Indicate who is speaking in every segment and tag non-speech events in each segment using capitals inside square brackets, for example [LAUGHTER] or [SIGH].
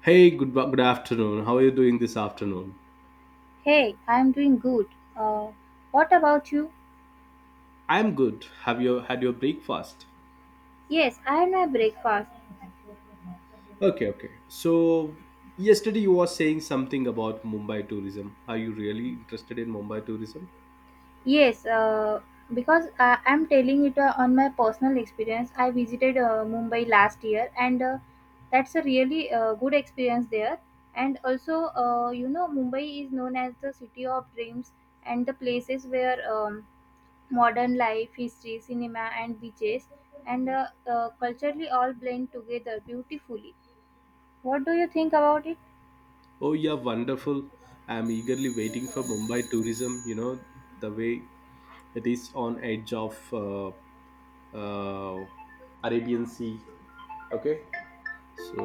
Speaker 1: Hey, good afternoon. How are you doing this afternoon?
Speaker 2: Hey, I'm doing good. Uh, what about you?
Speaker 1: I'm good. Have you had your breakfast?
Speaker 2: Yes, I had my breakfast.
Speaker 1: Okay, okay. So yesterday you were saying something about Mumbai tourism. Are you really interested in Mumbai tourism?
Speaker 2: Yes, because I'm telling it on my personal experience. I visited Mumbai last year, and that's a really good experience there. And also, you know, Mumbai is known as the city of dreams and the places where modern life, history, cinema, and beaches and culturally all blend together beautifully. What do you think about it?
Speaker 1: Oh yeah, wonderful. I'm eagerly waiting for Mumbai tourism. You know the way it is on edge of uh, Arabian Sea. Okay, so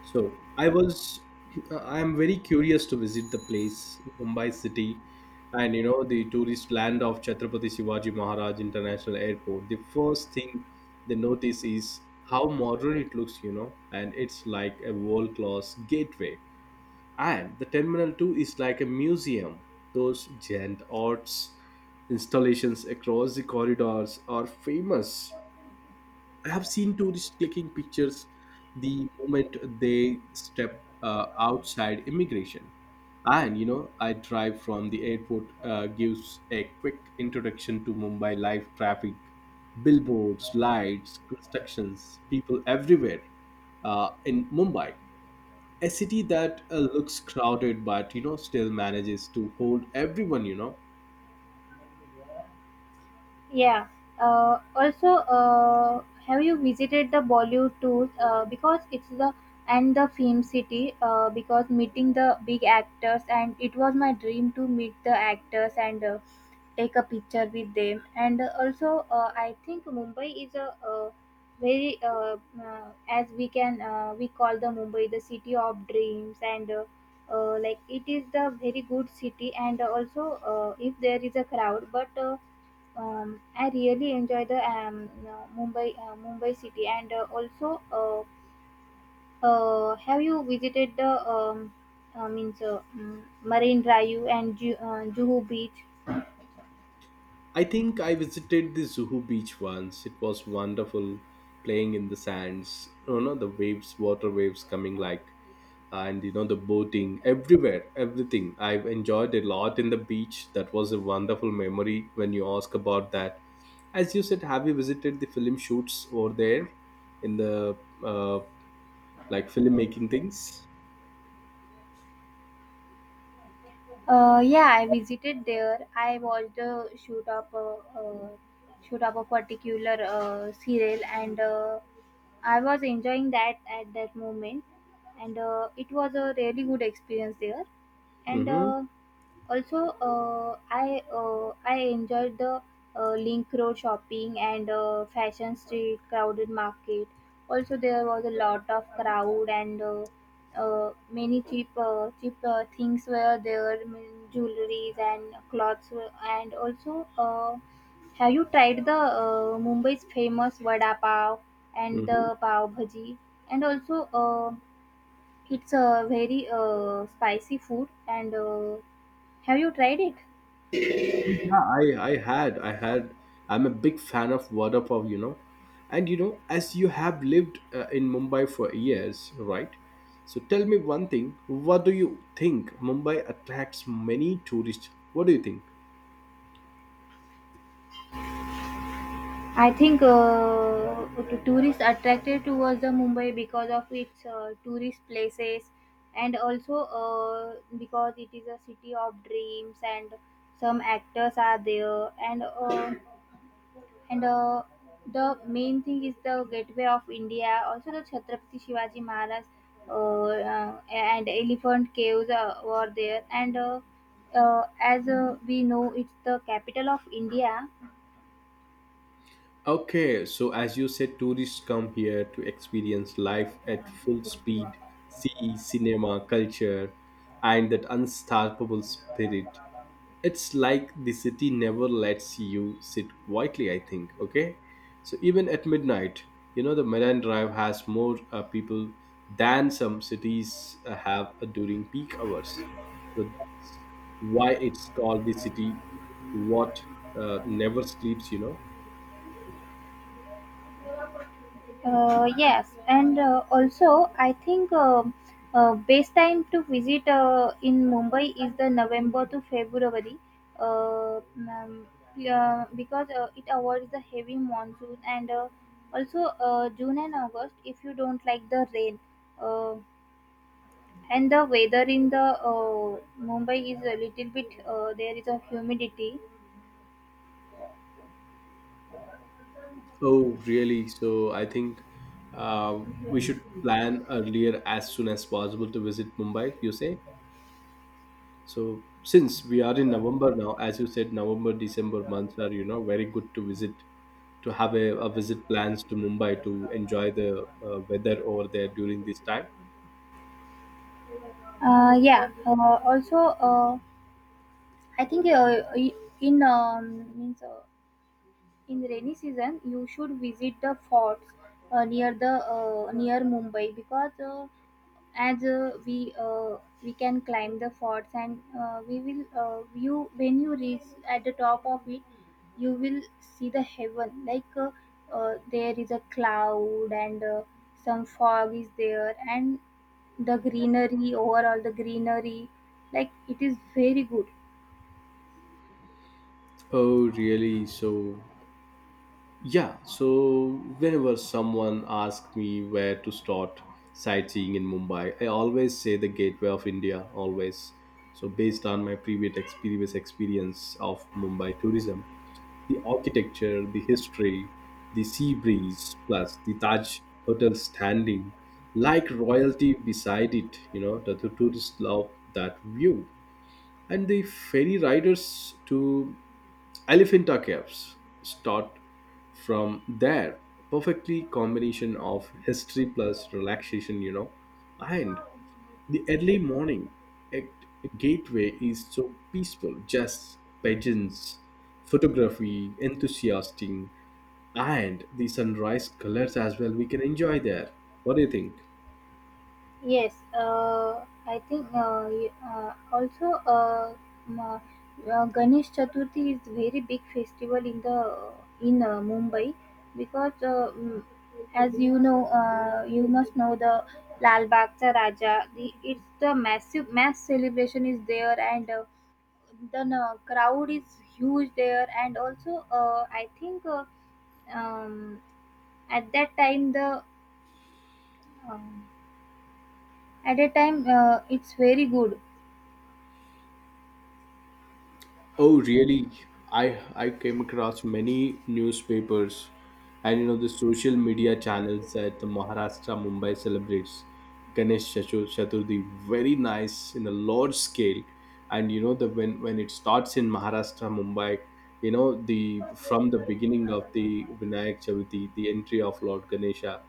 Speaker 1: So I I am very curious to visit the place, Mumbai city, and you know the tourist land of Chhatrapati Shivaji Maharaj International Airport. The first thing they notice is how modern it looks, you know, and it's like a world class gateway. And the terminal two is like a museum. Those giant arts installations across the corridors are famous. I have seen tourists clicking pictures the moment they step outside immigration. And you know, I drive from the airport gives a quick introduction to Mumbai life, traffic, billboards, lights, constructions, people everywhere in Mumbai, a city that looks crowded but you know still manages to hold everyone.
Speaker 2: Yeah. Also, have you visited the Bollywood tours? Because it's the and the film city. Because meeting the big actors and it was my dream to meet the actors and take a picture with them. And also, I think Mumbai is a very as we can we call the Mumbai the city of dreams, and like it is the very good city and also if there is a crowd but I really enjoy the you Mumbai Mumbai city and also have you visited the Marine Drive and Juhu Beach?
Speaker 1: I think I visited the Zuhu beach once. It was wonderful playing in the sands. You know, the waves, water waves coming like, and you know, the boating everywhere, everything. I've enjoyed a lot in the beach. That was a wonderful memory when you ask about that. As you said, have you visited the film shoots over there in the uh, like filmmaking things?
Speaker 2: Yeah, I visited there. I watched the shoot up a particular serial and I was enjoying that at that moment and it was a really good experience there and.
Speaker 1: Mm-hmm.
Speaker 2: Uh, also I enjoyed the link road shopping and fashion street crowded market also there was a lot of crowd and many cheap things were there mean, jewelries and clothes were, and also have you tried the mumbai's famous vada pav and the
Speaker 1: Mm-hmm.
Speaker 2: pav bhaji and also it's a very spicy food and have you tried it?
Speaker 1: Yeah, I had. I'm a big fan of Vada Pav, you know. And you know, as you have lived in Mumbai for years, right? So tell me one thing. What do you think? Mumbai attracts many tourists. What do you think?
Speaker 2: I think tourists attracted towards the Mumbai because of its tourist places and also because it is a city of dreams and some actors are there and the main thing is the gateway of India also the Chhatrapati Shivaji Maharaj and elephant caves were there and as we know it's the capital of India.
Speaker 1: Okay, so as you said, tourists come here to experience life at full speed, see cinema, culture, and that unstoppable spirit. It's like the city never lets you sit quietly, I think. Okay, so even at midnight, you know, the Marine drive has more people than some cities have during peak hours. So that's why it's called the city what never sleeps, you know.
Speaker 2: Yes, and also I think best time to visit in Mumbai is the November to February, uh, um, because it avoids the heavy monsoon and also June and August if you don't like the rain. Uh, and the weather in the Mumbai is a little bit there is a humidity.
Speaker 1: Oh really? So I think uh, we should plan earlier as soon as possible to visit Mumbai, you say. So since we are in November now, as you said, November, December months are, you know, very good to visit, to have a visit plans to Mumbai to enjoy the weather over there during this time.
Speaker 2: Yeah. Also, I think in means. In rainy season, you should visit the forts near the near Mumbai because as we can climb the forts and we will you when you reach at the top of it, you will see the heaven like there is a cloud and some fog is there and the greenery overall the greenery like it is very good.
Speaker 1: Oh, really? So, yeah. So, whenever someone asks me where to start sightseeing in Mumbai, I always say the Gateway of India, always. So, based on my previous experience of Mumbai tourism, the architecture, the history, the sea breeze, plus the Taj Hotel standing like royalty beside it. You know, the tourists love that view. And the ferry riders to Elephanta Caves start from there. Perfectly combination of history plus relaxation, you know. And the early morning at Gateway is so peaceful, just pigeons, photography, enthusiastic, and the sunrise colors as well. We can enjoy there. What do you think?
Speaker 2: Yes, I think also m- Ganesh Chaturthi is very big festival in the in Mumbai because as you know you must know the Lal Bagh Raja, the, it's the massive mass celebration is there and the crowd is huge there and also I think um, at that time the um, at that time it's very good.
Speaker 1: Oh, really? I I came across many newspapers and you know the social media channels that the Maharashtra Mumbai celebrates Chaturthi very nice in a large scale. And you know the when it starts in Maharashtra Mumbai, you know the from the beginning of the Vinayak Chavithi, the entry of Lord Ganesha,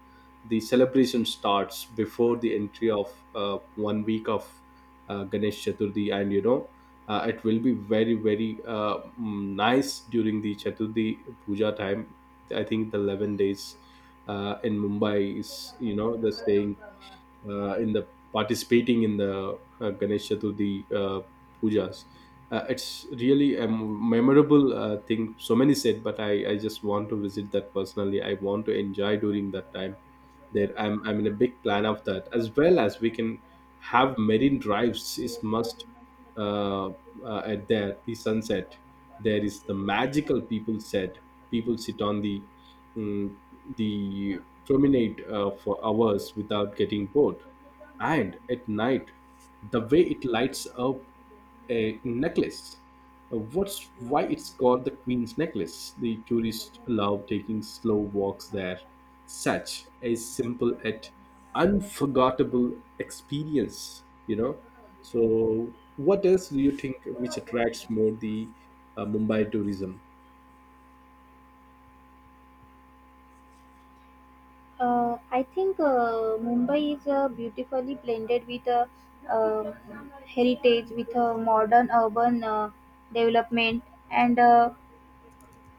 Speaker 1: the celebration starts before the entry of one week of Ganesh Chaturthi, and you know it will be very nice during the Chaturthi puja time. I think the 11 days in Mumbai is you know the staying in the participating in the Ganesh Chaturthi pujas. It's really a memorable thing. So many said, but I just want to visit that personally. I want to enjoy during that time. There, I'm in a big plan of that as well as we can have marine drives is must uh, at there the sunset. There is the magical people said. People sit on the mm, the promenade for hours without getting bored. And at night, the way it lights up a necklace. What's why it's called the Queen's Necklace. The tourists love taking slow walks there. Such a simple yet unforgettable experience, you know. So, what else do you think which attracts more the Mumbai tourism?
Speaker 2: I think Mumbai is beautifully blended with a heritage, with a modern urban development, and uh,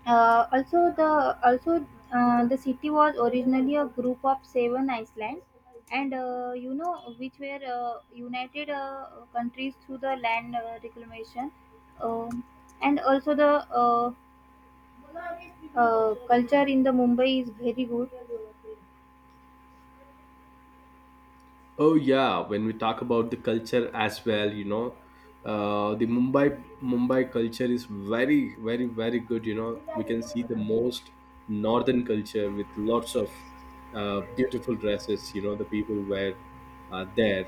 Speaker 2: uh, also the city was originally a group of 7 islands, and you know which were united countries through the land reclamation, um, and also the culture in the Mumbai is very good.
Speaker 1: Oh yeah, when we talk about the culture as well, you know, the Mumbai culture is very good. You know, we can see the most northern culture with lots of beautiful dresses. You know, the people wear there,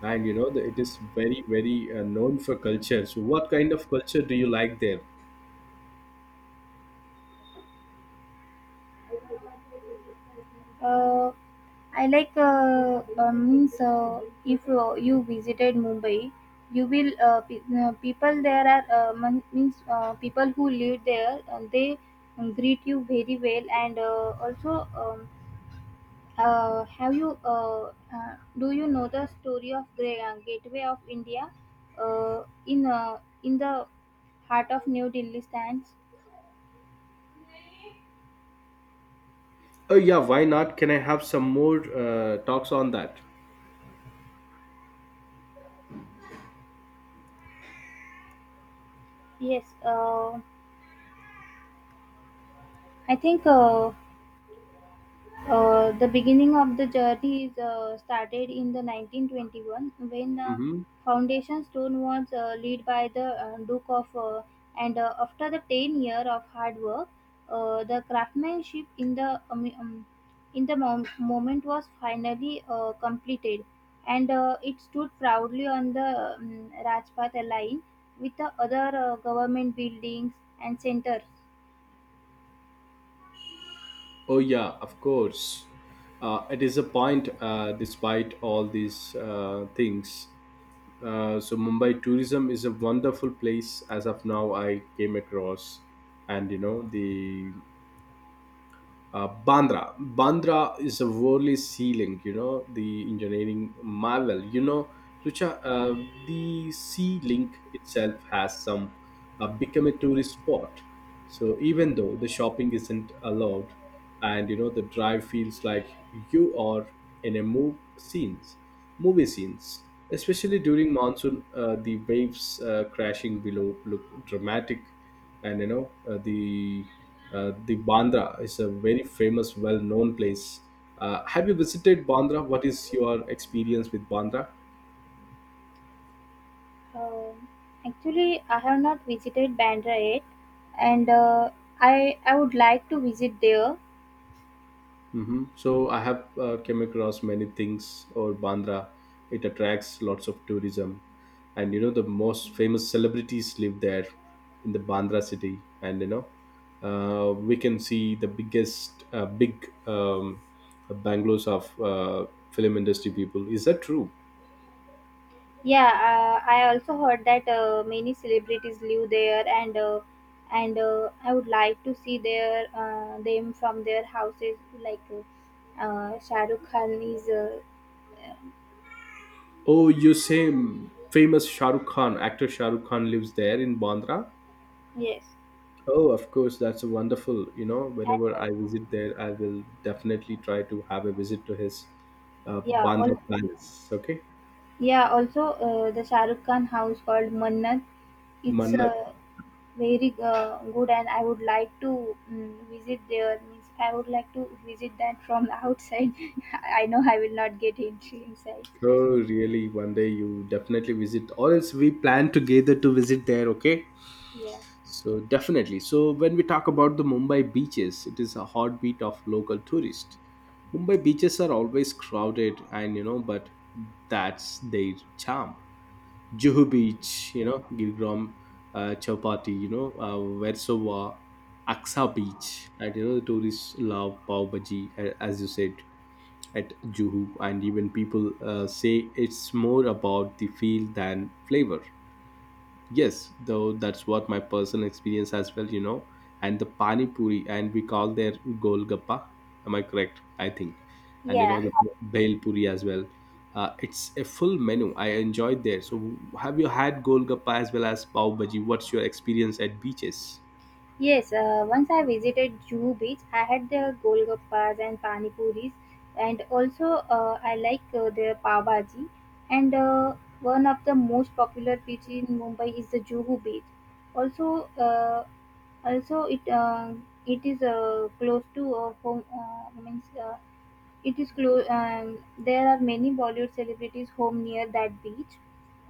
Speaker 1: and you know the, it is very very known for culture. So, what kind of culture do you like there?
Speaker 2: Uh, I like means if you, you visited Mumbai, you will people there are mon- means people who live there they greet you very well and also have you do you know the story of Gateway of India in the heart of New Delhi stands?
Speaker 1: Oh yeah, why not? Can I have some more talks on that?
Speaker 2: Yes, I think. The beginning of the journey is, started in the 1921 when
Speaker 1: Mm-hmm.
Speaker 2: foundation stone was laid by the Duke of, and after the 10 year of hard work the craftsmanship in the moment was finally completed and it stood proudly on the Rajpath line with the other government buildings and centers.
Speaker 1: Oh yeah, of course. It is a point, despite all these things. So Mumbai tourism is a wonderful place as of now. I came across, and you know the Bandra. Bandra is a worldly sea link, you know, the engineering marvel. You know, Rucha, uh, the sea link itself has some become a tourist spot. So even though the shopping isn't allowed, and you know the drive feels like you are in a movie scenes. Especially during monsoon, the waves crashing below look dramatic, and you know the Bandra is a very famous, well-known place. Have you visited Bandra? What is your experience with Bandra?
Speaker 2: Um, actually, I have not visited Bandra yet, and I would like to visit there.
Speaker 1: Hmm. So I have came across many things or Bandra. It attracts lots of tourism, and you know the most famous celebrities live there in the Bandra city, and you know we can see the biggest big bangalows of film industry people. Is that true?
Speaker 2: Yeah, I also heard that many celebrities live there, and I would like to see their them from their houses. Like Shah Rukh Khan is uh,
Speaker 1: Oh, you same famous Shah Rukh Khan actor Shah Rukh Khan lives there in Bandra.
Speaker 2: yes,
Speaker 1: Oh, of course, that's wonderful. You know,
Speaker 2: and
Speaker 1: whenever
Speaker 2: uh,
Speaker 1: I visit there, I will definitely try to have a visit to his
Speaker 2: yeah,
Speaker 1: Bandra
Speaker 2: all
Speaker 1: Palace. Okay,
Speaker 2: yeah. Also, the Shah Rukh Khan house called Mannat. It's
Speaker 1: Mannat.
Speaker 2: very good and I would like to visit there means I would like to visit that from the outside. [LAUGHS] I know I will not get entry inside.
Speaker 1: Oh, really? One day you definitely visit, or else we plan together to visit there. Okay.
Speaker 2: Yeah.
Speaker 1: So definitely. So when we talk about the Mumbai beaches, it is a heartbeat of local tourists. Mumbai beaches are always crowded, and you know, but that's their charm. Juhu Beach, you know, Gilgram, Chowpatty, Versova, Aksa Beach, and you know, the tourists love pav bhaji, as you said at Juhu, and even people say it's more about the feel than flavor. Yes, though that's what my personal experience as well, you know. And the pani puri, and we call their golgappa. Am I correct? I think. And you know
Speaker 2: yeah
Speaker 1: the bhel puri as well. It's a full menu. I enjoyed there. So have you had golgappa as well as pav bhaji? What's your experience at beaches?
Speaker 2: yes, once I visited juhu beach I had the golgappas and pani puris and also I like the pav bhaji and one of the most popular beach in mumbai is the juhu beach. Also uh, also it is close to home means it is close. There are many Bollywood celebrities home near that beach,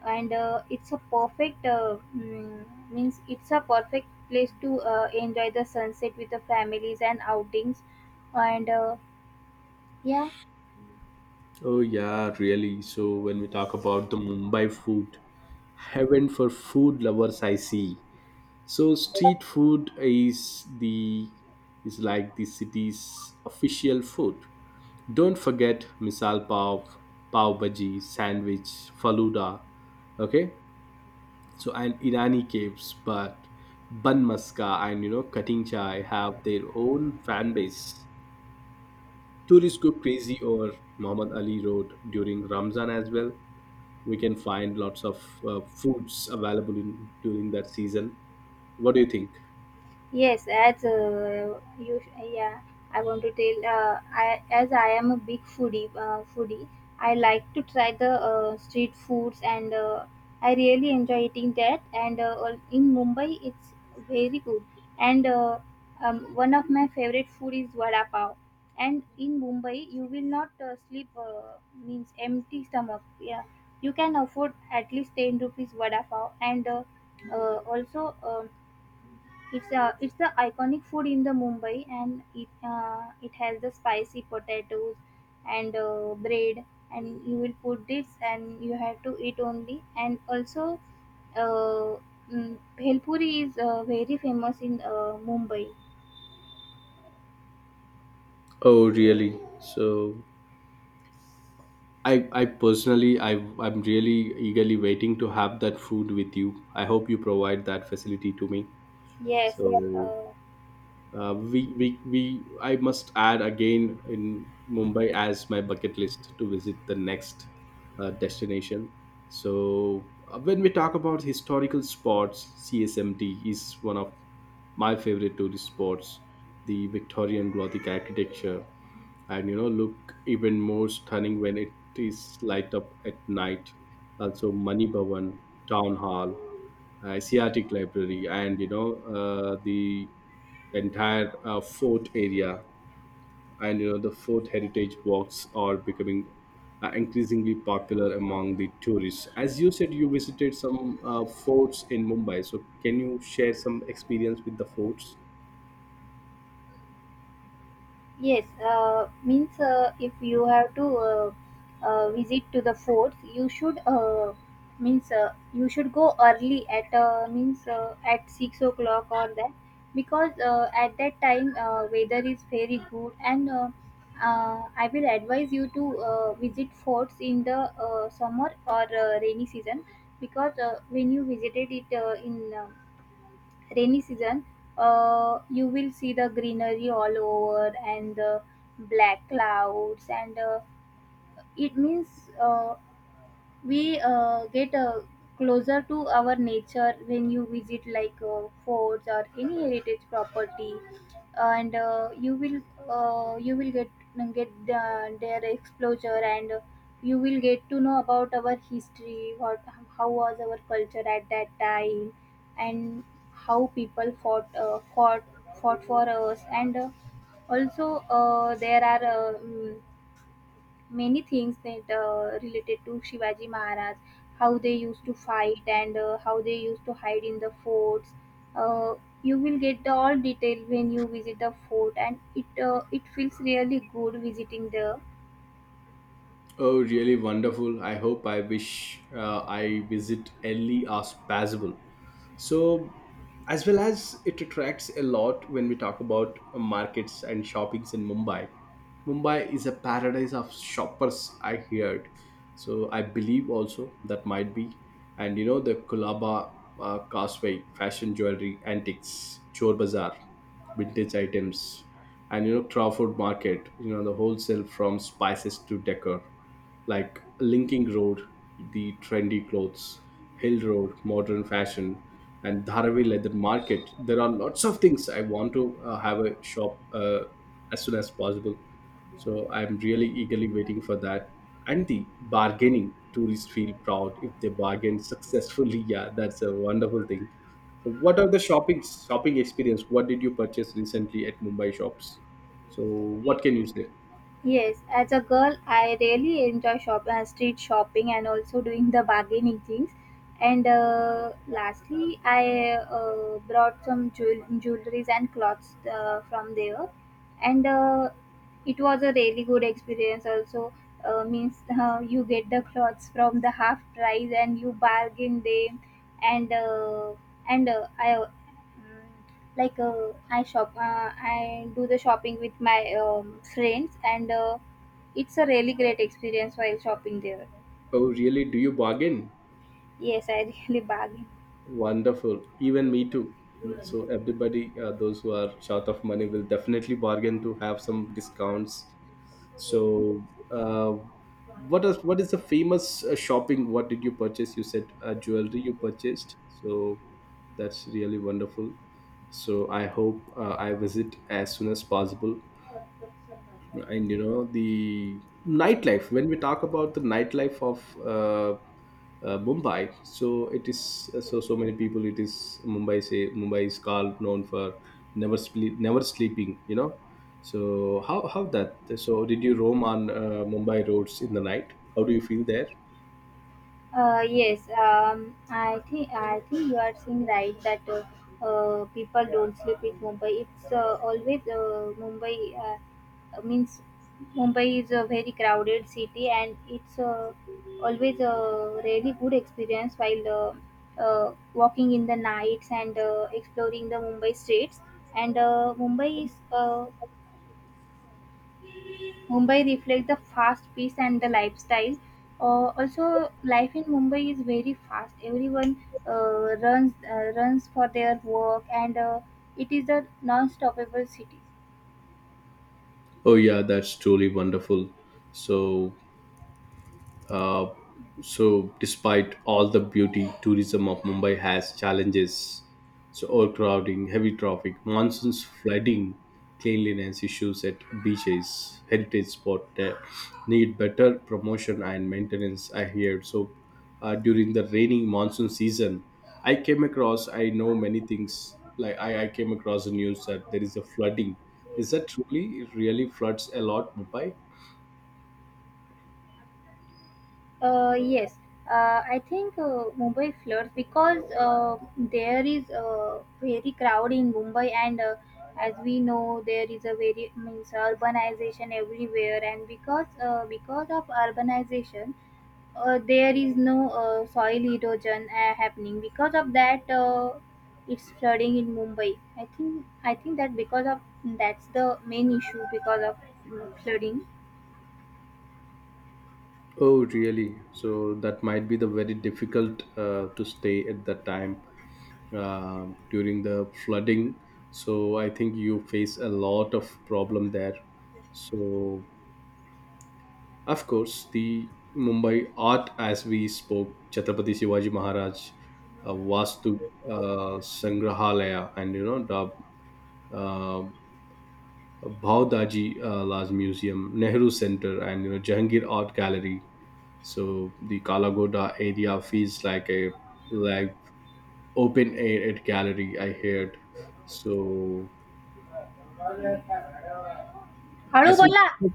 Speaker 2: and it's a perfect mm, means it's a perfect place to enjoy the sunset with the families and outings, and yeah.
Speaker 1: Oh yeah, really. So when we talk about the Mumbai food, heaven for food lovers, I see. So street food is the is like the city's official food. Don't forget misal pav, pav bhaji, sandwich, faluda. Okay, so and Irani caves, but bun maska and you know cutting chai have their own fan base. Tourists go crazy over Muhammad Ali Road during Ramzan as well. We can find lots of foods available in during that season. What do you think?
Speaker 2: Yes, yeah, I want to tell. I as I am a foodie, I like to try the street foods, and I really enjoy eating that. And in Mumbai, it's very good. And one of my favorite food is vada pav. And in Mumbai, you will not sleep means empty stomach. Yeah, you can afford at least 10 rupees vada pav, and also. It's a it's the iconic food in the Mumbai, and it has the spicy potatoes and bread, and you will put this, and you have to eat only. And also, uh, bhel puri is very famous in Mumbai.
Speaker 1: Oh, really? So I, I personally I, I'm really eagerly waiting to have that food with you. I hope you provide that facility to me.
Speaker 2: Yes.
Speaker 1: So
Speaker 2: Uh,
Speaker 1: I must add again in Mumbai as my bucket list to visit the next destination. So when we talk about historical spots, CSMT is one of my favorite tourist spots. The Victorian Gothic architecture, and you know look even more stunning when it is light up at night. Also mani bhavan, town hall, Asiatic Library, and you know the entire fort area, and you know the fort heritage walks are becoming increasingly popular among the tourists. As you said, you visited some forts in Mumbai, so can you share some experience with the forts?
Speaker 2: yes, means if you have to visit to the forts, you should means you should go early at means at 6 o'clock or that because at that time weather is very good and I will advise you to visit forts in the summer or rainy season because when you visited it in rainy season, you will see the greenery all over and the black clouds, and it means uh, we get closer to our nature when you visit like forts or any heritage property and you will get the, their exposure and you will get to know about our history what how was our culture at that time and how people fought for us and also there are many things that related to Shivaji Maharaj, how they used to fight and how they used to hide in the forts. Uh, you will get the all detail when you visit the fort, and it feels really good visiting there.
Speaker 1: Oh, really wonderful! I hope I wish I visit early as possible. So as well as it attracts a lot when we talk about markets and shoppings in Mumbai. Mumbai is a paradise of shoppers, I heard. So I believe also that might be, and you know the Kolaba causeway, fashion jewelry antiques, chor bazaar, vintage items, and you know Crawford market, you know the wholesale from spices to decor, like Linking Road, the trendy clothes, Hill Road, modern fashion, and Dharavi leather market. There are lots of things I want to have a shop as soon as possible. So I'm really eagerly waiting for that. And the bargaining, tourists feel proud if they bargain successfully. [LAUGHS] Yeah, that's a wonderful thing. So what are the shopping experience? What did you purchase recently at Mumbai shops? So what can you say?
Speaker 2: Yes, as a girl, I really enjoy shop street shopping and also doing the bargaining things. And lastly, I brought some jewelries and clothes from there, and it was a really good experience. Also, means you get the clothes from the half price and you bargain them, and uh, and mm, like I do the shopping with my friends and it's a really great experience while shopping there.
Speaker 1: Oh, really? Do you bargain?
Speaker 2: Yes, I [LAUGHS] really bargain.
Speaker 1: Wonderful. Even me too. So everybody, those who are short of money, will definitely bargain to have some discounts. So, uh, what is the famous shopping? What did you purchase? You said jewelry you purchased. So that's really wonderful. So I hope I visit as soon as possible, and you know the nightlife. When we talk about the nightlife of uh, Mumbai, so it is, so many people. It is Mumbai, say Mumbai is called known for never sleep, never sleeping, you know. So how that, so did you roam on Mumbai roads in the night? How do you feel there?
Speaker 2: Yes, I think you are saying right that people don't sleep with Mumbai. It's always Mumbai means Mumbai is a very crowded city, and it's always a really good experience while walking in the nights and exploring the Mumbai streets. And Mumbai is Mumbai reflects the fast pace and the lifestyle. Also, life in Mumbai is very fast. Everyone runs for their work, and it is a non-stoppable city.
Speaker 1: Oh yeah, that's truly wonderful. So Uh, despite all the beauty, tourism of Mumbai has challenges. So, overcrowding, heavy traffic, monsoons, flooding, cleanliness issues at beaches, heritage spot need better promotion and maintenance. I hear so. During the rainy monsoon season, I came across. I know many things. Like I came across the news that there is a flooding. Is that truly it really floods a lot, Mumbai?
Speaker 2: Yes, I think Mumbai floods because there is very crowd in Mumbai, and as we know, there is a very means urbanization everywhere, and because of urbanization, there is no soil erosion happening. Because of that, it's flooding in Mumbai. I think that because of that's the main issue because of flooding.
Speaker 1: Oh, really? So that might be the very difficult to stay at that time during the flooding. So I think you face a lot of problem there. So of course the Mumbai art, as we spoke, Chhatrapati Shivaji Maharaj, Vastu Sangrahalaya, and you know the uh, Bhavdaji Laj Museum, Nehru Center, and you know Jahangir Art Gallery. So the Kalagoda area feels like open air at gallery. I heard. So
Speaker 2: हळू
Speaker 1: as
Speaker 2: बोला.
Speaker 1: we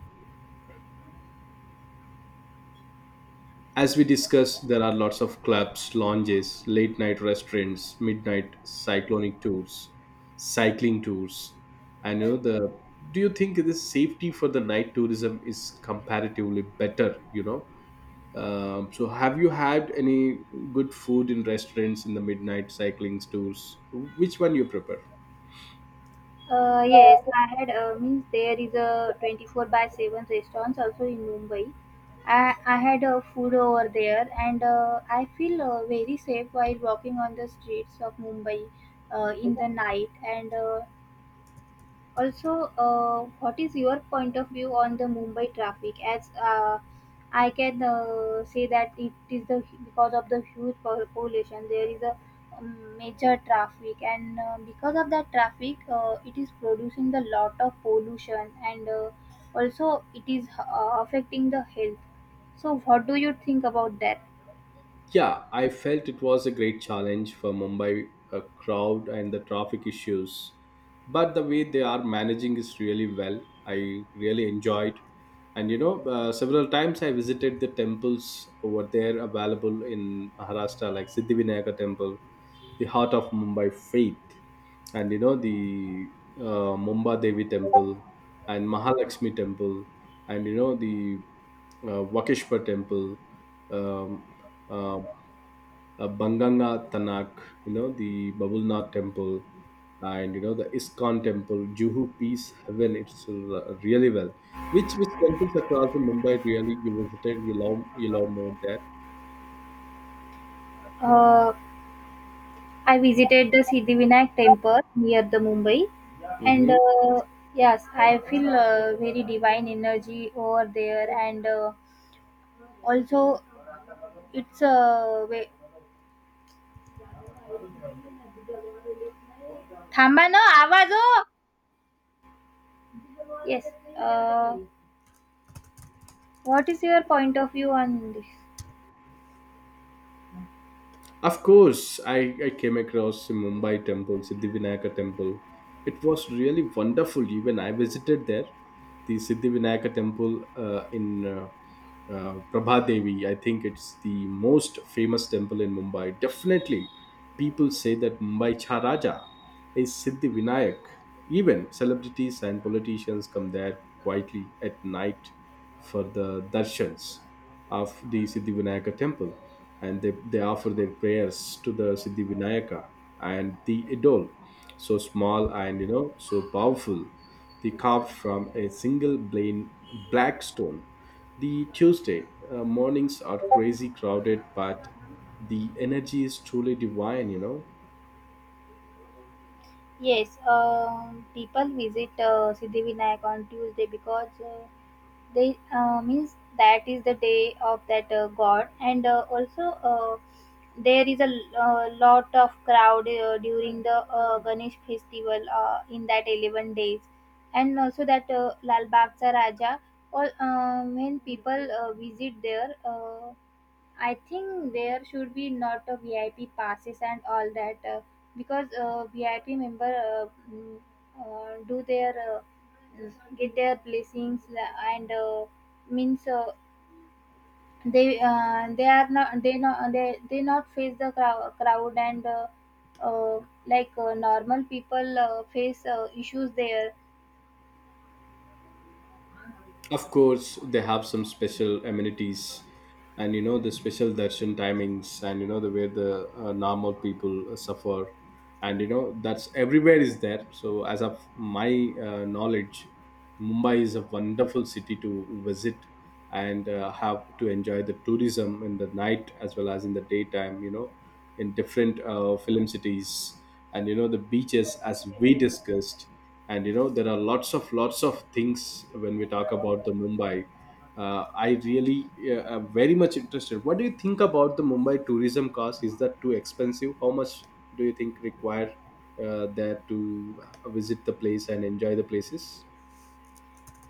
Speaker 1: as we discussed, there are lots of clubs, lounges, late night restaurants, midnight cyclonic tours, cycling tours, and you know the. Do you think the safety for the night tourism is comparatively better? You know. Have you had any good food in restaurants in the midnight cycling tours? Which one you prefer?
Speaker 2: Yes, I had means there is a 24/7 restaurants also in Mumbai. I had food over there and I feel very safe while walking on the streets of Mumbai in the night and also, what is your point of view on the Mumbai traffic? As I can say that it is the because of the huge population, there is a major traffic, and because of that traffic, it is producing the lot of pollution, and also it is affecting the health. So, what do you think about that?
Speaker 1: Yeah, I felt it was a great challenge for Mumbai crowd and the traffic issues. But the way they are managing is really well. I really enjoyed. And you know, several times I visited the temples over there available in Maharashtra, like Siddhivinayaka temple, the heart of Mumbai faith, and you know, the Mumba Devi temple and Mahalakshmi temple, and you know, the Vakeshwar temple. Um, uh, Banganga Tanak, you know, the Babulnath temple and, you know, the Iskon temple, Juhu Peace Heaven, it's r- really well. Which temples across the Mumbai really you visited, you love more there.
Speaker 2: Uh, I visited the Siddhivinayak temple near the Mumbai, and
Speaker 1: Mm-hmm.
Speaker 2: uh, yes, I feel very divine energy over there. And also, it's a way. Thamba no, आवाज हो. Yes. Uh, what is your point of view on this?
Speaker 1: Of course, I came across the Mumbai temple, Siddhivinayaka temple. It was really wonderful. Even I visited there, the Siddhivinayaka temple in Prabha Devi. I think it's the most famous temple in Mumbai. Definitely, people say that Mumbai Charaja is Siddhivinayak. Even celebrities and politicians come there quietly at night for the darshans of the Siddhivinayaka temple, and they offer their prayers to the Siddhivinayaka and the idol. So small and you know so powerful, the carved from a single plain black stone. The Tuesday mornings are crazy crowded, but the energy is truly divine, you know.
Speaker 2: Yes, people visit Siddhivinayak on Tuesday because they means that is the day of that god, and also there is a lot of crowd during the Ganesh festival in that 11 days, and also that Lal Bagh Cha Raja. All when people visit there. I think there should be not a VIP passes and all that because VIP member do their uh, get their blessings and means they are not they not they they not face the crowd, crowd and uh, like normal people face issues there.
Speaker 1: Of course, they have some special amenities, and you know the special darshan timings, and you know the where the normal people suffer, and you know that's everywhere is there. So, as of my knowledge, Mumbai is a wonderful city to visit, and have to enjoy the tourism in the night as well as in the daytime, you know, in different film cities, and you know the beaches, as we discussed, and you know there are lots of things. When we talk about the Mumbai, I really am very much interested. What do you think about the Mumbai tourism cost? Is that too expensive? How much do you think require there to visit the place and enjoy the places?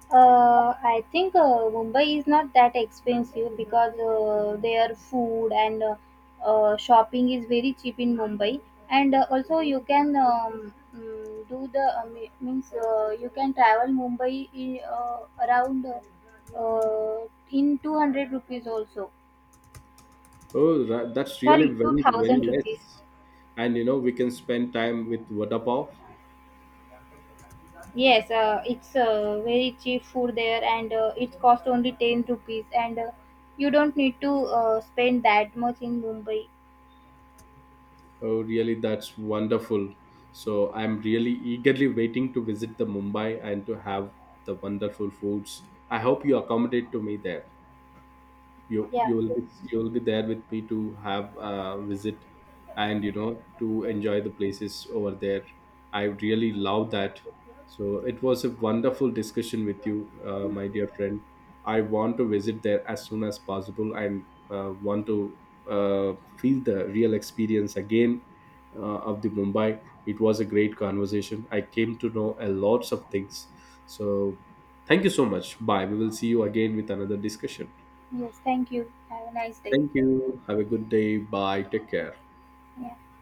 Speaker 2: I think Mumbai is not that expensive because their food and shopping is very cheap in Mumbai, and also you can do the me- means you can travel Mumbai in, around in 200 rupees also.
Speaker 1: Oh, ra- that's really
Speaker 2: Sorry, two
Speaker 1: very, very
Speaker 2: thousand rupees.
Speaker 1: nice. And you know, we can spend time with Vadapav.
Speaker 2: Yes, it's very cheap food there, and it costs only 10 rupees, and you don't need to spend that much in Mumbai.
Speaker 1: Oh, really, that's wonderful. So I'm really eagerly waiting to visit the Mumbai and to have the wonderful foods. I hope you accommodate to me there. you
Speaker 2: Yeah.
Speaker 1: you will be, you will be there with me to have a visit and you know to enjoy the places over there. I really love that. So it was a wonderful discussion with you, my dear friend. I want to visit there as soon as possible, and want to feel the real experience again of the Mumbai. It was a great conversation. I came to know a lots of things. So thank you so much. Bye, we will see you again with another discussion.
Speaker 2: Yes. Thank you. Have a nice day.
Speaker 1: Thank you. Have a good day. Bye. Take care.
Speaker 2: Yeah.